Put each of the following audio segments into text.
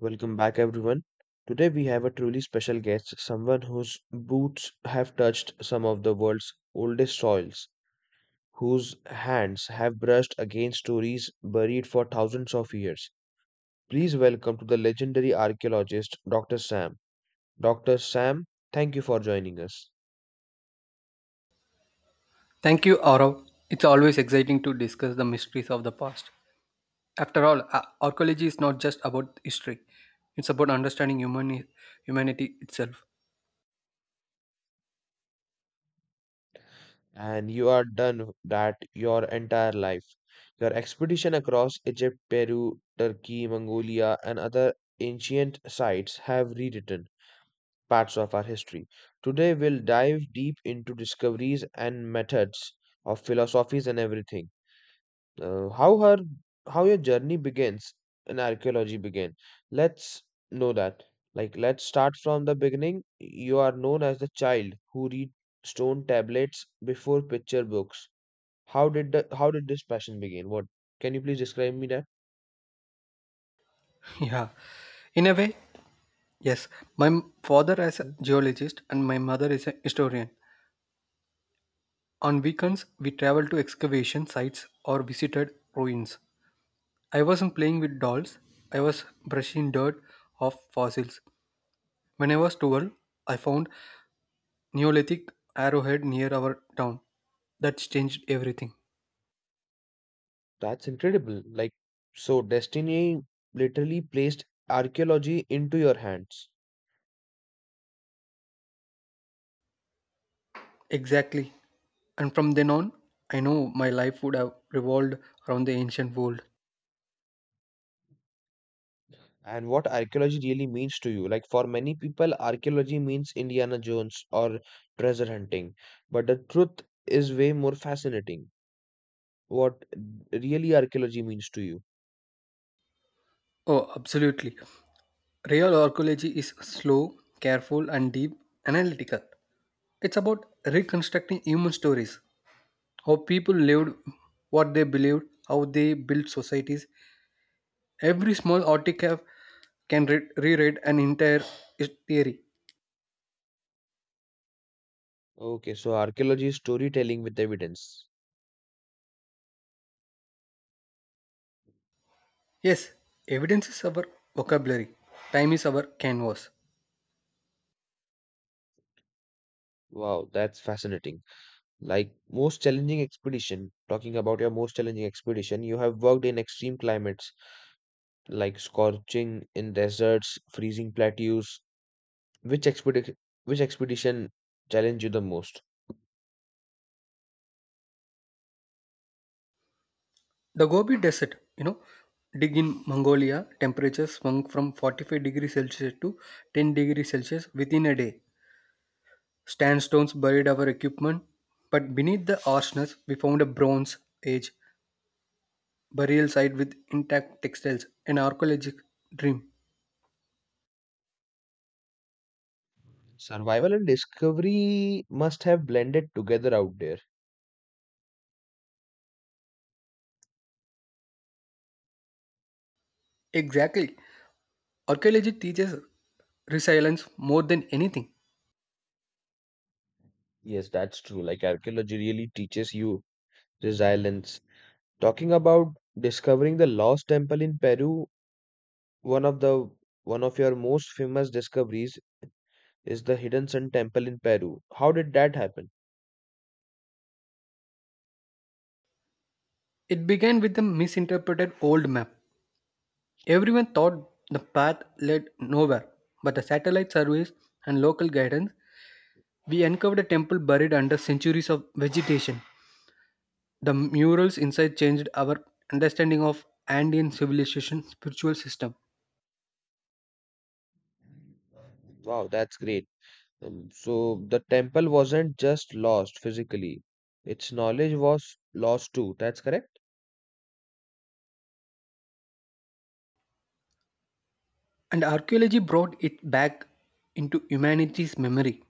Welcome back, everyone. Today, we have a truly special guest, someone whose boots have touched some of the world's oldest soils, whose hands have brushed against stories buried for thousands of years. Please welcome to the legendary archaeologist, Dr. Sam. Dr. Sam, thank you for joining us. Thank you, Aurav. It's always exciting to discuss the mysteries of the past. After all, archaeology is not just about history; it's about understanding humanity itself. And you are done that your entire life. Your expedition across Egypt, Peru, Turkey, Mongolia, and other ancient sites have rewritten parts of our history. Today, we'll dive deep into discoveries and methods of philosophies and everything. Uh, how her how your journey begins in archaeology began. Let's know that. Like, let's start from the beginning. You are known as the child who read stone tablets before picture books. How did this passion begin? What can you please describe me that? Yeah, in a way, yes. My father is a Hmm? geologist and my mother is a historian. On weekends, we traveled to excavation sites or visited ruins. I wasn't playing with dolls; I was brushing dirt off fossils. When I was 12, I found Neolithic arrowhead near our town. That's changed everything. That's incredible. Like, so destiny literally placed archaeology into your hands. Exactly. And from then on, I know my life would have revolved around the ancient world. And what archaeology really means to you. Like, for many people, archaeology means Indiana Jones or treasure hunting. But the truth is way more fascinating. What really archaeology means to you. Oh, absolutely. Real archaeology is slow, careful, and deep analytical. It's about reconstructing human stories, how people lived, what they believed, how they built societies. Every small artifact can rewrite an entire theory. Okay, so archaeology is storytelling with evidence. Yes, evidence is our vocabulary. Time is our canvas. Wow, that's fascinating. Like most challenging expedition, talking about your most challenging expedition, you have worked in extreme climates like scorching in deserts, freezing plateaus? Which expedition which expedition challenged you the most? The Gobi Desert, you know, dig in Mongolia, temperatures swung from 45 degrees Celsius to 10 degrees Celsius within a day. Sandstones buried our equipment, but beneath the harshness, we found a Bronze Age burial site with intact textiles, an archaeologic dream. Survival and discovery must have blended together out there. Exactly. Archaeology teaches resilience more than anything. Yes, that's true. Like archaeology really teaches you resilience. Talking about discovering the lost temple in Peru, one of the one of your most famous discoveries is the Hidden Sun Temple in Peru. How did that happen? It began with the misinterpreted old map. Everyone thought the path led nowhere, but the satellite surveys and local guidance, we uncovered a temple buried under centuries of vegetation. The murals inside changed our understanding of Andean civilization spiritual system, Wow, that's great. So the temple wasn't just lost physically, its knowledge was lost too. That's correct? and archaeology brought it back into humanity's memory.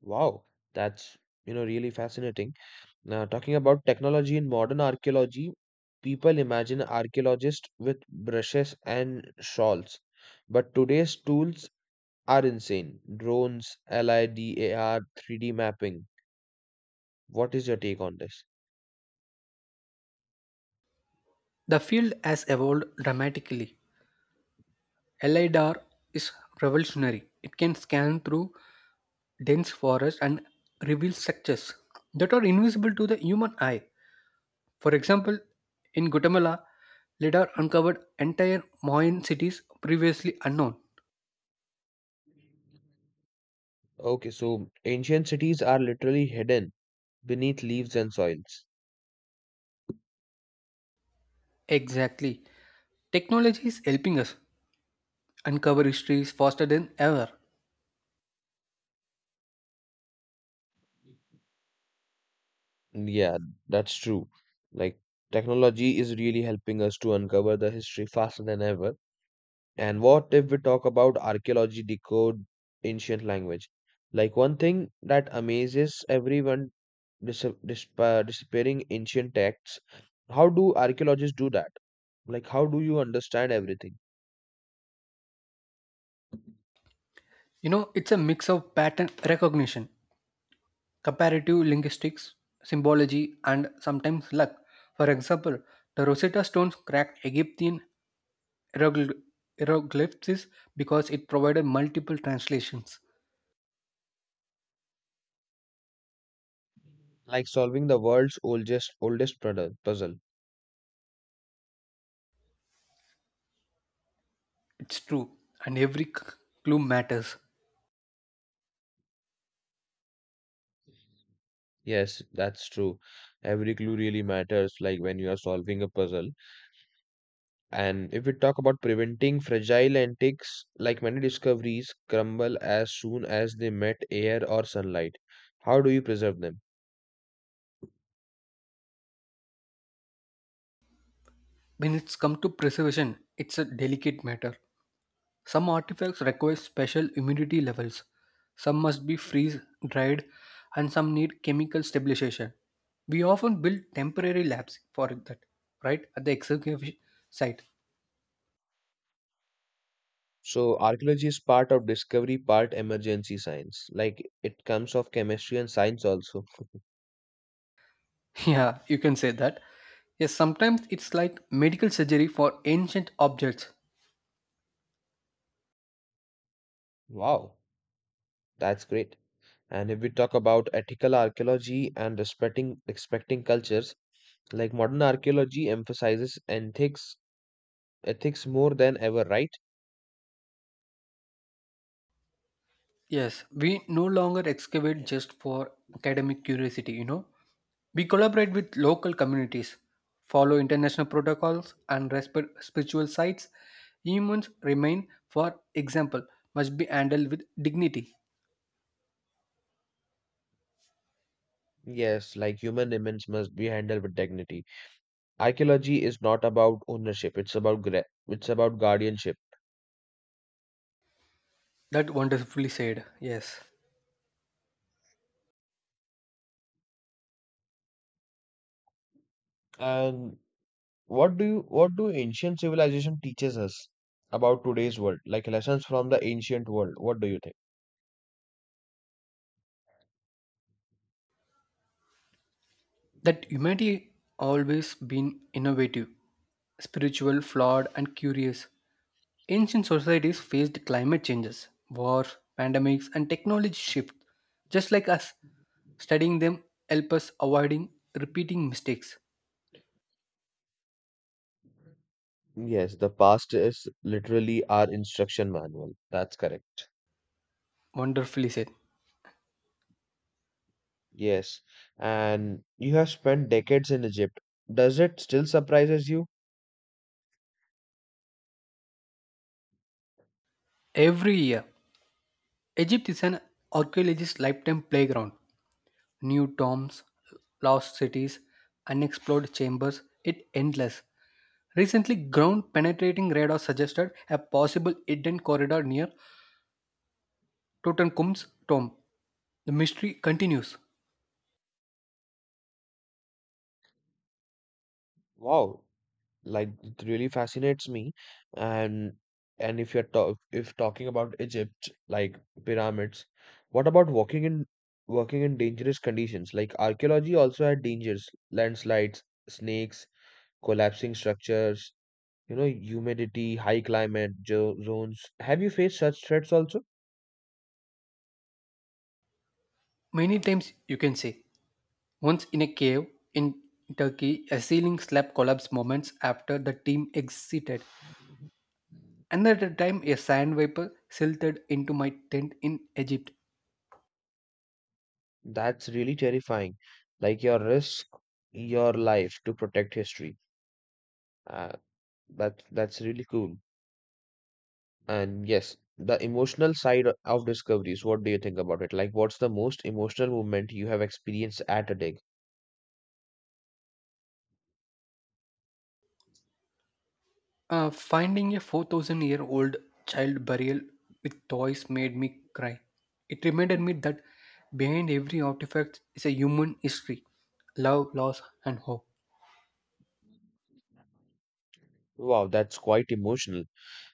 Wow, that's really fascinating. Now, talking about technology in modern archaeology, people imagine archaeologists with brushes and shawls, but today's tools are insane. Drones, LIDAR, 3D mapping. What is your take on this? The field has evolved dramatically. LIDAR is revolutionary. It can scan through dense forest and reveal structures that are invisible to the human eye. For example, in Guatemala, LIDAR uncovered entire Mayan cities previously unknown. Okay, so ancient cities are literally hidden beneath leaves and soils. Exactly. Technology is helping us uncover histories faster than ever. Yeah, that's true. Like, technology is really helping us to uncover the history faster than ever. And what if we talk about archaeology decode ancient language? Like, one thing that amazes everyone disappearing ancient texts, how do archaeologists do that? Like, how do you understand everything? You know, it's a mix of pattern recognition, comparative linguistics, symbology, and sometimes luck. For example, the Rosetta Stones cracked Egyptian hieroglyph- hieroglyphs because it provided multiple translations. Like solving the world's oldest puddle- puzzle. It's true, and every clue matters. Yes, that's true. Every clue really matters, like when you are solving a puzzle. And if we talk about preventing fragile antiques, like many discoveries, crumble as soon as they met air or sunlight. How do you preserve them? When it's come to preservation, it's a delicate matter. Some artifacts require special humidity levels. Some must be freeze dried and some need chemical stabilization. We often build temporary labs for that, right? At the excavation site. So, archaeology is part of discovery, part emergency science. Like it comes of chemistry and science also. Yeah, you can say that. Yes, sometimes it's like medical surgery for ancient objects. Wow, that's great. And if we talk about ethical archaeology and respecting cultures, like modern archaeology emphasizes ethics more than ever, right? Yes, we no longer excavate just for academic curiosity, you know. We collaborate with local communities, follow international protocols, and respect spiritual sites. Humans remain, for example, must be handled with dignity. Yes, like human remains must be handled with dignity. Archaeology is not about ownership, it's about gra- it's about guardianship. That wonderfully said, yes. And what do ancient civilization teaches us about today's world, like lessons from the ancient world, what do you That humanity always been innovative, spiritual, flawed, and curious. Ancient societies faced climate changes, wars, pandemics, and technology shifts. Just like us, studying them help us avoiding repeating mistakes. think? Yes, the past is literally our instruction manual. That's correct? Wonderfully said. Yes. And you have spent decades in Egypt. Does it still surprises you? Every year, Egypt is an archaeologist's lifetime playground. New tombs, lost cities, unexplored chambers, it endless. Recently, ground penetrating radar suggested a possible hidden corridor near Tutankhamun's tomb. The mystery continues. Wow, like it really fascinates me. And and if you're talk if talking about Egypt, like pyramids, what about walking in working in dangerous conditions, like archaeology also had dangers, landslides, snakes, collapsing structures, you know, humidity, high climate jo- zones, have you faced such threats also? Many times you can say, once in a cave in Turkey, a ceiling slab collapsed moments after the team exited. Another time, a sand vapor silted into my tent in Egypt. That's really terrifying. Like your risk your life to protect history. Uh, that that's really cool. And yes, the emotional side o- of discoveries, what do you think about it? Like, what's the most emotional moment you have experienced at a dig? Finding a 4,000 year old child burial with toys made me cry. It reminded me that behind every artifact is a human history love, loss, and hope. Wow, that's quite emotional.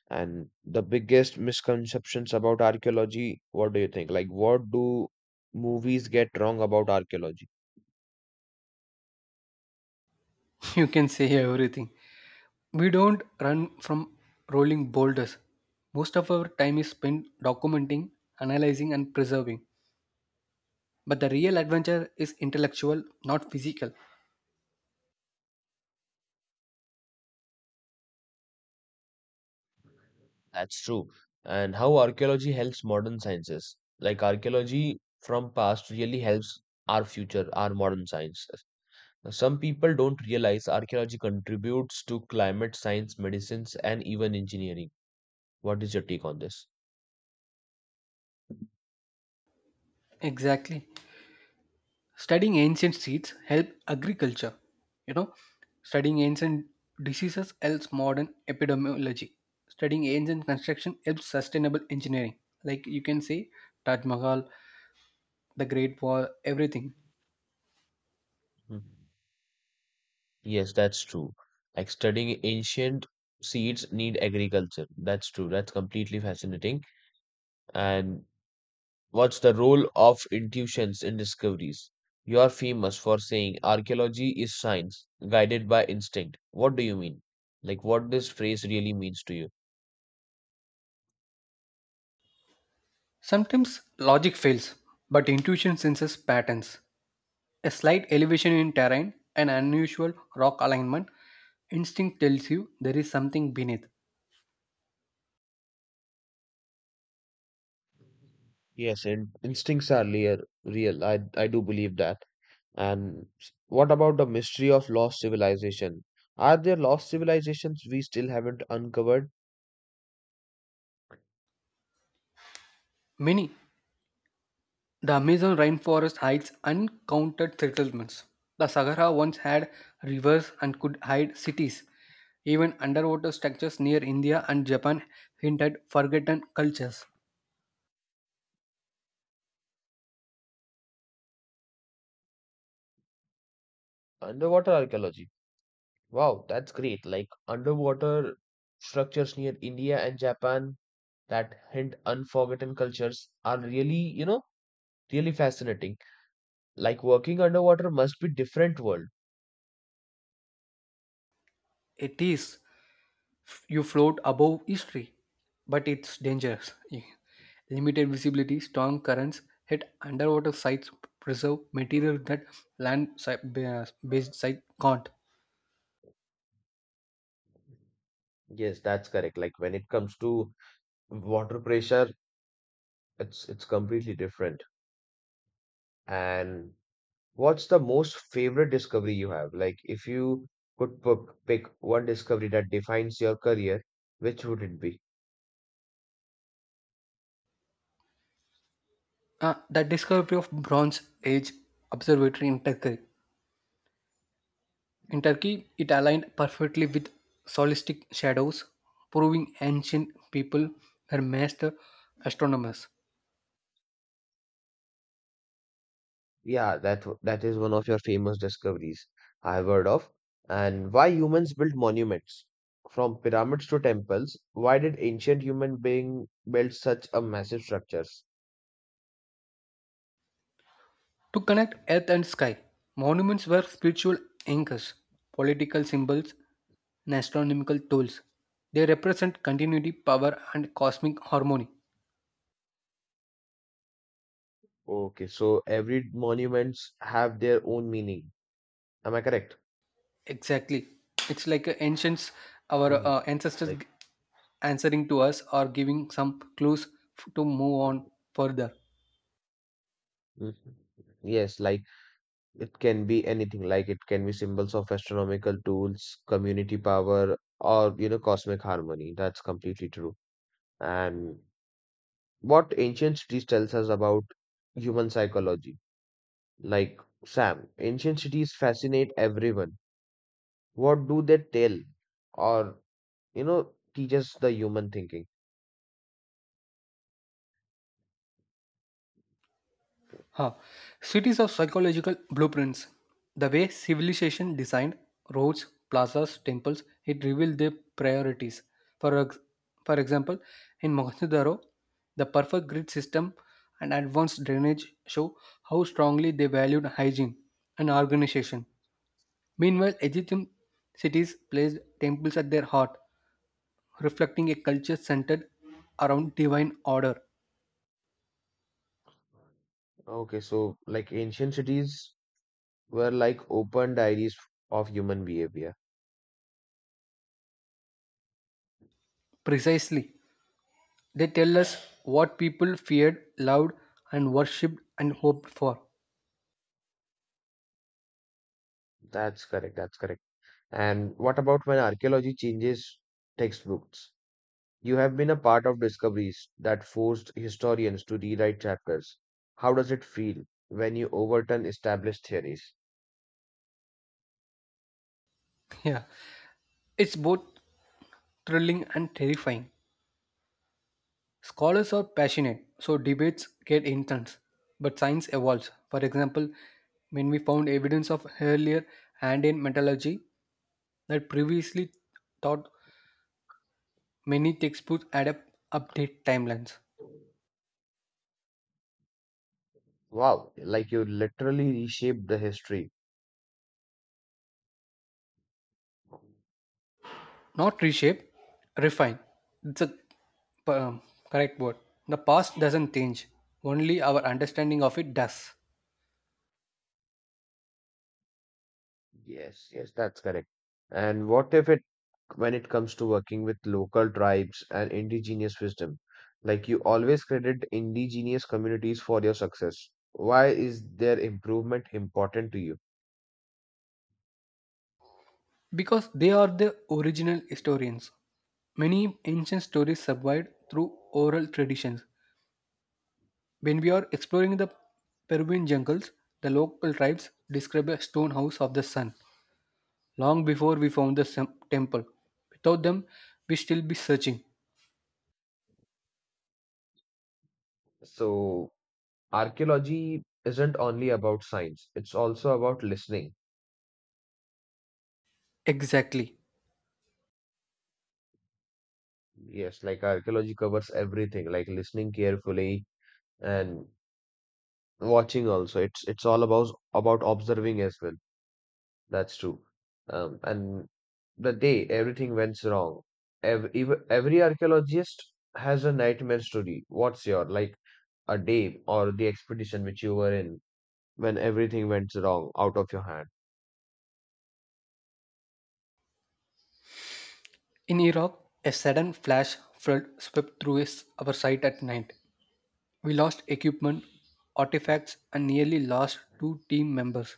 And the biggest misconceptions about archaeology, what do you think? Like, what do movies get wrong about archaeology? You can say everything. We don't run from rolling boulders. Most of our time is spent documenting, analyzing, and preserving. But the real adventure is intellectual, not physical. That's true. And how archaeology helps modern sciences. Like archaeology from past really helps our future, our modern science. Now, some people don't realize archaeology contributes to climate science, medicines, and even engineering. What is your take on this? Exactly. Studying ancient seeds help agriculture. You know, studying ancient diseases helps modern epidemiology. Studying ancient construction helps sustainable engineering. Like you can say Taj Mahal, the Great Wall, everything. Mhm. Yes, that's true. Like studying ancient seeds need agriculture. That's true. That's completely fascinating. And what's the role of intuitions in discoveries? You are famous for saying archaeology is science guided by instinct. What do you mean? Like what this phrase really means to you? Sometimes logic fails, but intuition senses patterns. A slight elevation in terrain, an unusual rock alignment, instinct tells you there is something beneath. Yes, and instincts are real. Real. I do believe that. And what about the mystery of lost civilization? Are there lost civilizations we still haven't uncovered? Many. The Amazon rainforest hides uncounted settlements. The Sahara once had rivers and could hide cities. Even underwater structures near India and Japan hint at forgotten cultures. Underwater archaeology. Wow, that's great. Like underwater structures near India and Japan that hint unforgotten cultures are really, really fascinating. Like working underwater must be different world. It is, you float above history, but it's dangerous. Limited visibility, strong currents, hit underwater sites preserve material that land-based site can't. Yes, that's correct. Like when it comes to water pressure, it's completely different. And what's the most favorite discovery you have? Like, if you could pick one discovery that defines your career, which would it be? The discovery of Bronze Age Observatory in Turkey. In Turkey, it aligned perfectly with solistic shadows, proving ancient people were master astronomers. Yeah, that w- that is one of your famous discoveries I have heard of. And why humans built monuments? From pyramids to temples, why did ancient human being build such a massive structures? To connect earth and sky, monuments were spiritual anchors, political symbols, and astronomical tools. They represent continuity, power, and cosmic harmony. Okay, so every monuments have their own meaning. Am I correct? Exactly. It's like ancients, our Mm. Ancestors Like, answering to us or giving some clues to move on mm, further. mhm. Yes, like. It can be anything, like it can be symbols of astronomical tools, community power, or you know, cosmic harmony. That's completely true. And what ancient cities tells us about human psychology, like Sam, ancient cities fascinate everyone. What do they tell, or you know, teaches the human thinking? Huh. Cities of psychological blueprints. The way civilization designed roads, plazas, temples, it revealed their priorities. For, ex- for example, in Mohenjo-daro, the perfect grid system and advanced drainage show how strongly they valued hygiene and organization. Meanwhile, Egyptian cities placed temples at their heart, reflecting a culture centered around divine order. Okay, so like ancient cities were like open diaries of human behavior. Precisely. They tell us what people feared, loved, and worshipped and hoped for. That's correct. That's correct. And what about when archaeology changes textbooks? You have been a part of discoveries that forced historians to rewrite chapters. How does it feel when you overturn established theories? Yeah, it's both thrilling and terrifying. Scholars are passionate, so debates get intense. But science evolves. For example, when we found evidence of earlier Andean metallurgy that previously thought many textbooks had update timelines. Wow, like you literally reshaped the history. Not reshape, refine, it's a p- um, correct word. The past doesn't change, only our understanding of it does. Yes, yes, that's correct. And what if it when it comes to working with local tribes and indigenous wisdom? Like you always credit indigenous communities for your success. Why is their improvement important to you? Because they are the original historians. Many ancient stories survived through oral traditions. When we are exploring the peruvian jungles, the local tribes describe a stone house of the sun long before we found the temple. Without them, we still be searching. So, archaeology isn't only about science, it's also about listening. Exactly. Yes, like archaeology covers everything, like listening carefully and watching also. It's all about observing as well. That's true. And the day everything went wrong, every, even every archaeologist has a nightmare story. What's your like a day or the expedition which you were in when everything went wrong out of your hand? In Iraq, a sudden flash flood swept through our site at night. We lost equipment, artifacts, and nearly lost two team members.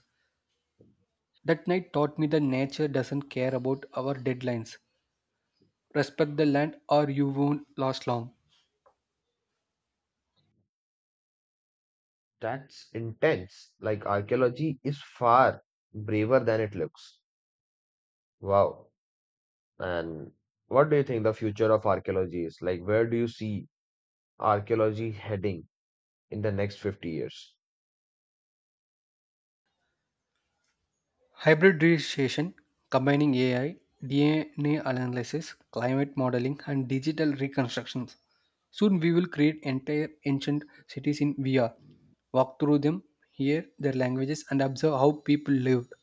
That night taught me that nature doesn't care about our deadlines. Respect the land, or you won't last long. That's intense. Like archaeology is far braver than it looks. Wow. And what do you think the future of archaeology is? Like, where do you see archaeology heading in the next 50 years? Hybridization, combining AI, DNA analysis, climate modeling, and digital reconstructions. Soon we will create entire ancient cities in VR, walk through them, hear their languages, and observe how people lived.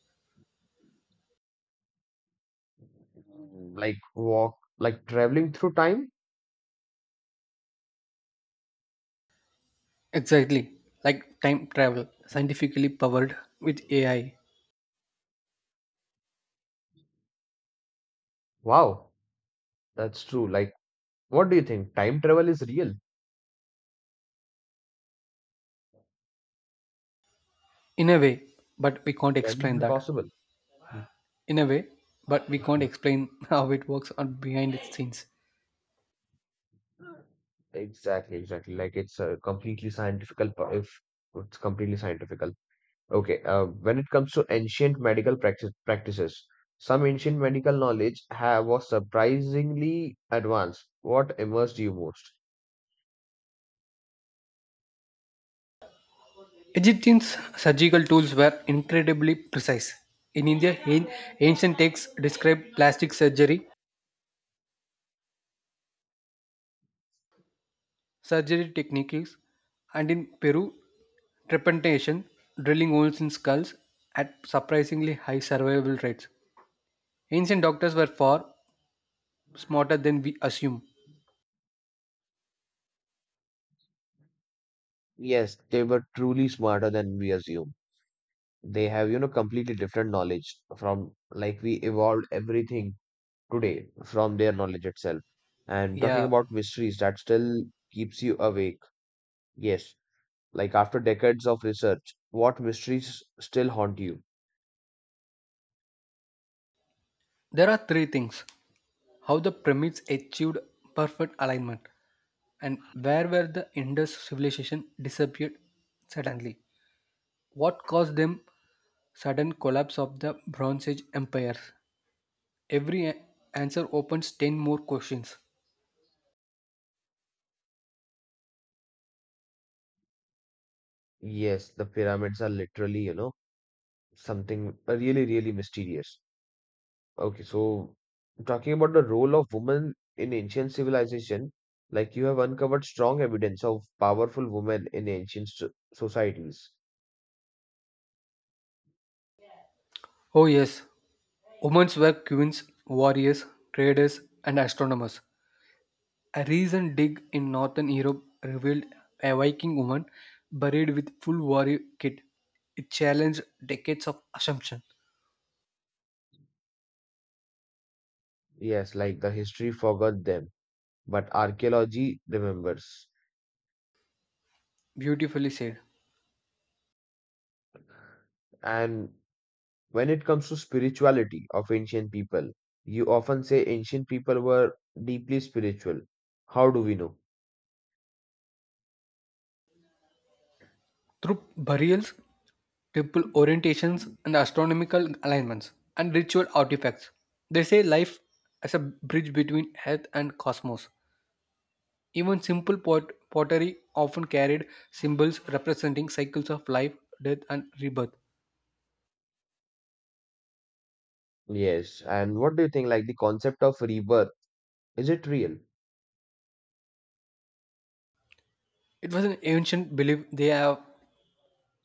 Mm. Like, walk, like traveling through time? Exactly, like time travel, scientifically powered with AI. Wow. That's true. Like, what do you think? Time travel is real? In a way, but we can't Can it explain be that. possible? In a way, but we can't Mhm. explain how it works on behind its scenes. Exactly, exactly. Like, it's a completely scientific, if it's completely scientific. Okay, when it comes to ancient medical practice, practices, some ancient medical knowledge have, was surprisingly advanced. What immersed you most? Egyptians' surgical tools were incredibly precise. In India, ancient texts describe plastic surgery, surgery techniques, and in Peru, trepanation, drilling holes in skulls at surprisingly high survival rates. Ancient doctors were far smarter than we assume. Yes, they were truly smarter than we assume. They have, you know, completely different knowledge from like we evolved everything today from their knowledge itself. And talking Yeah, about mysteries, that still keeps you awake. Yes, like after decades of research, what mysteries still haunt you? there are three things: how the pyramids achieved perfect alignment, and where were the Indus civilization disappeared suddenly. What caused them sudden collapse of the Bronze Age empires? Every answer opens 10 more questions. Yes, the pyramids are literally, you know, something really, really mysterious. Okay, so talking about the role of women in ancient civilization, like you have uncovered strong evidence of powerful women in ancient so- societies. Oh yes, women were queens, warriors, traders and astronomers. A recent dig in northern Europe revealed a Viking woman buried with full warrior kit. It challenged decades of assumption. Yes, like the history forgot them, but archaeology remembers. Beautifully said. And when it comes to spirituality of ancient people, you often say ancient people were deeply spiritual. How do we know? Through burials, temple orientations and astronomical alignments and ritual artifacts. They say life as a bridge between earth and cosmos. Even simple pottery often carried symbols representing cycles of life, death, and rebirth. Yes, and what do you think? Like the concept of rebirth, is it real? It was an ancient belief they have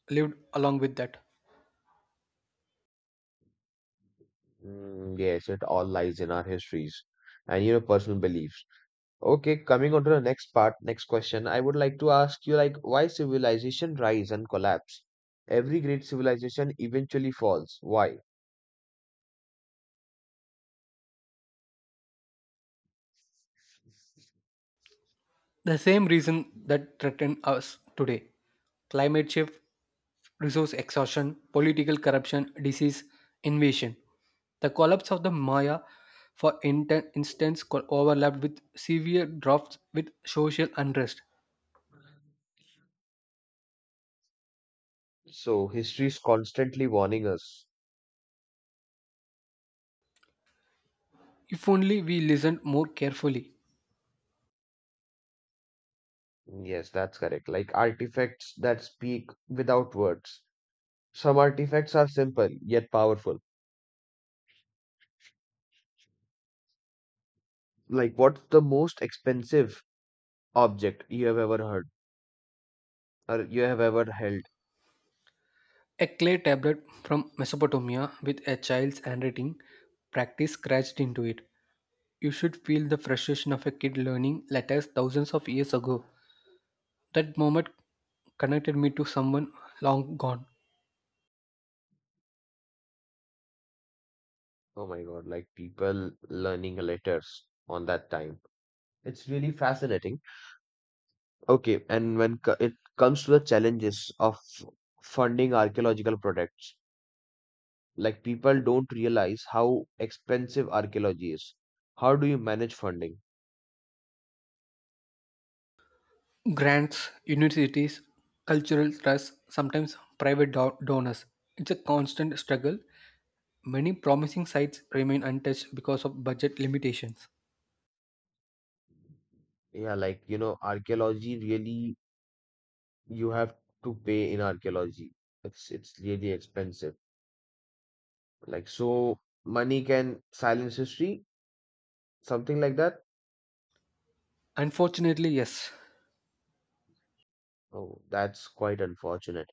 lived along with that. Mm, yes, it all lies in our histories and you know personal beliefs. Okay, coming on to the next part, next question, I would like to ask you like why civilization rise and collapse? Every great civilization eventually falls. Why? The same reason that threaten us today: climate shift, resource exhaustion, political corruption, disease, invasion. The collapse of the Maya, for instance, overlapped with severe drafts with social unrest. So history is constantly warning us. If only we listened more carefully. Mm. Yes, that's correct. Like artifacts that speak without words. Some artifacts are simple yet powerful. Like what's the most expensive object you have ever heard or you have ever held? A clay tablet from Mesopotamia with a child's handwriting practice scratched into it. You should feel the frustration of a kid learning letters thousands of years ago. That moment connected me to someone long gone. Oh my God, like people learning letters on that time. It's really fascinating. Okay, and when co- it comes to the challenges of funding archaeological projects, like people don't realize how expensive archaeology is. How do you manage funding? Grants, universities, cultural trusts, sometimes private donors. It's a constant struggle. Many promising sites remain untouched because of budget limitations. Yeah, like you know, archaeology really you have to pay in archaeology. It's really expensive. Like so money can silence history, something like that. Unfortunately, yes. Oh, that's quite unfortunate.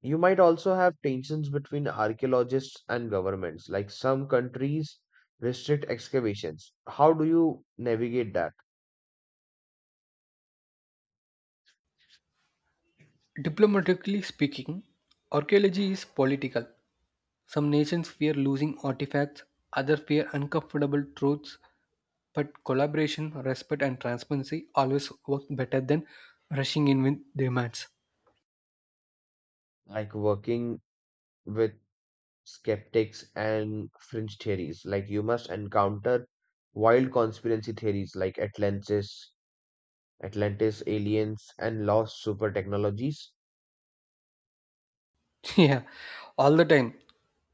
You might also have tensions between archaeologists and governments, like some countries restrict excavations. How do you navigate that? Diplomatically speaking, archaeology is political. Some nations fear losing artifacts, others fear uncomfortable truths, but collaboration, respect, and transparency always work better than rushing in with demands. Like working with skeptics and fringe theories, like you must encounter wild conspiracy theories like Atlantis, Atlantis aliens, and lost super technologies. Yeah, all the time.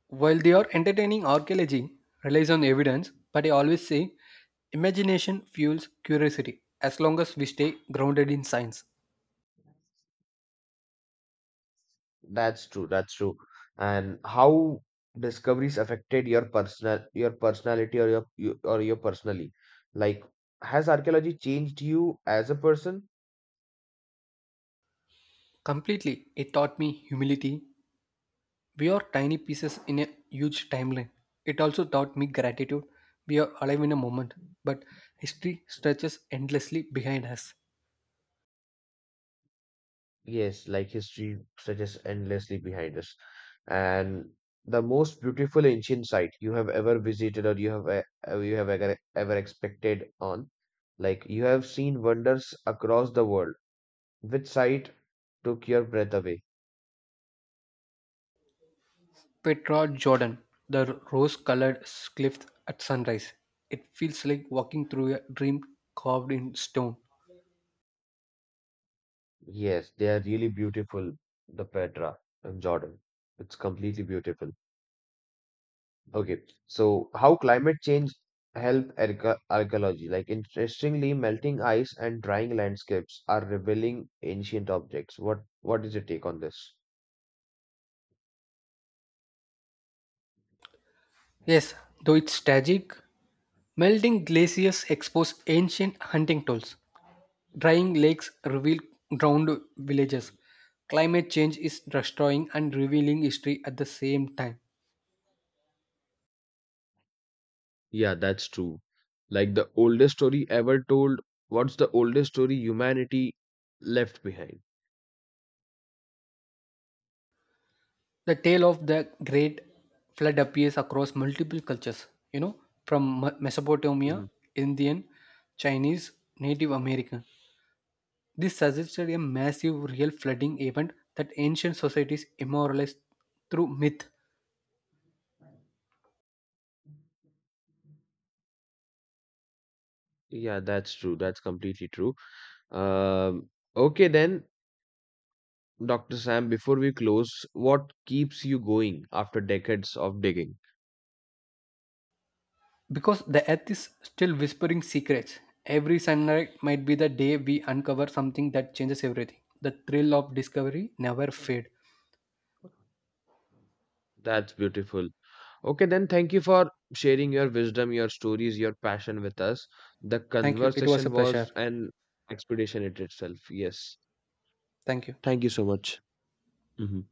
While they are entertaining, archaeology relies on evidence, but I always say imagination fuels curiosity as long as we stay grounded in science. That's true. That's true. And how discoveries affected your personal, your personality, or your, you- or your personally, like has archaeology changed you as a person? Completely, it taught me humility. We are tiny pieces in a huge timeline. It also taught me gratitude. We are alive in a moment, but history stretches endlessly behind us. Yes, like history stretches endlessly behind us. And the most beautiful ancient site you have ever visited, or you have you have ever ever expected on, like you have seen wonders across the world. Which site took your breath away? Petra Jordan, the rose colored cliffs at sunrise. It feels like walking through a dream carved in stone. Yes, they are really beautiful, the Petra in Jordan. It's completely beautiful. Okay, so how climate change help archa- archaeology? Like interestingly, melting ice and drying landscapes are revealing ancient objects. What is your take on this? Yes, though it's tragic, melting glaciers expose ancient hunting tools. Drying lakes reveal drowned villages. Climate change is destroying and revealing history at the same time. Yeah, that's true. Like the oldest story ever told, what's the oldest story humanity left behind? The tale of the Great Flood appears across multiple cultures, you know, from Mesopotamia, Mhm. Indian, Chinese, Native American. This suggested a massive real flooding event that ancient societies immortalized through myth. Yeah, that's true. That's completely true. Um, okay, then Dr. Sam, before we close, what keeps you going after decades of digging? Because the earth is still whispering secrets, every sunlight might be the day we uncover something that changes everything. The thrill of discovery never fade. That's beautiful. Okay, then thank you for sharing your wisdom, your stories, your passion with us. The Thank you. It was conversation a pleasure. was an expedition in itself. Yes. Thank you. Thank you so much. Mhm.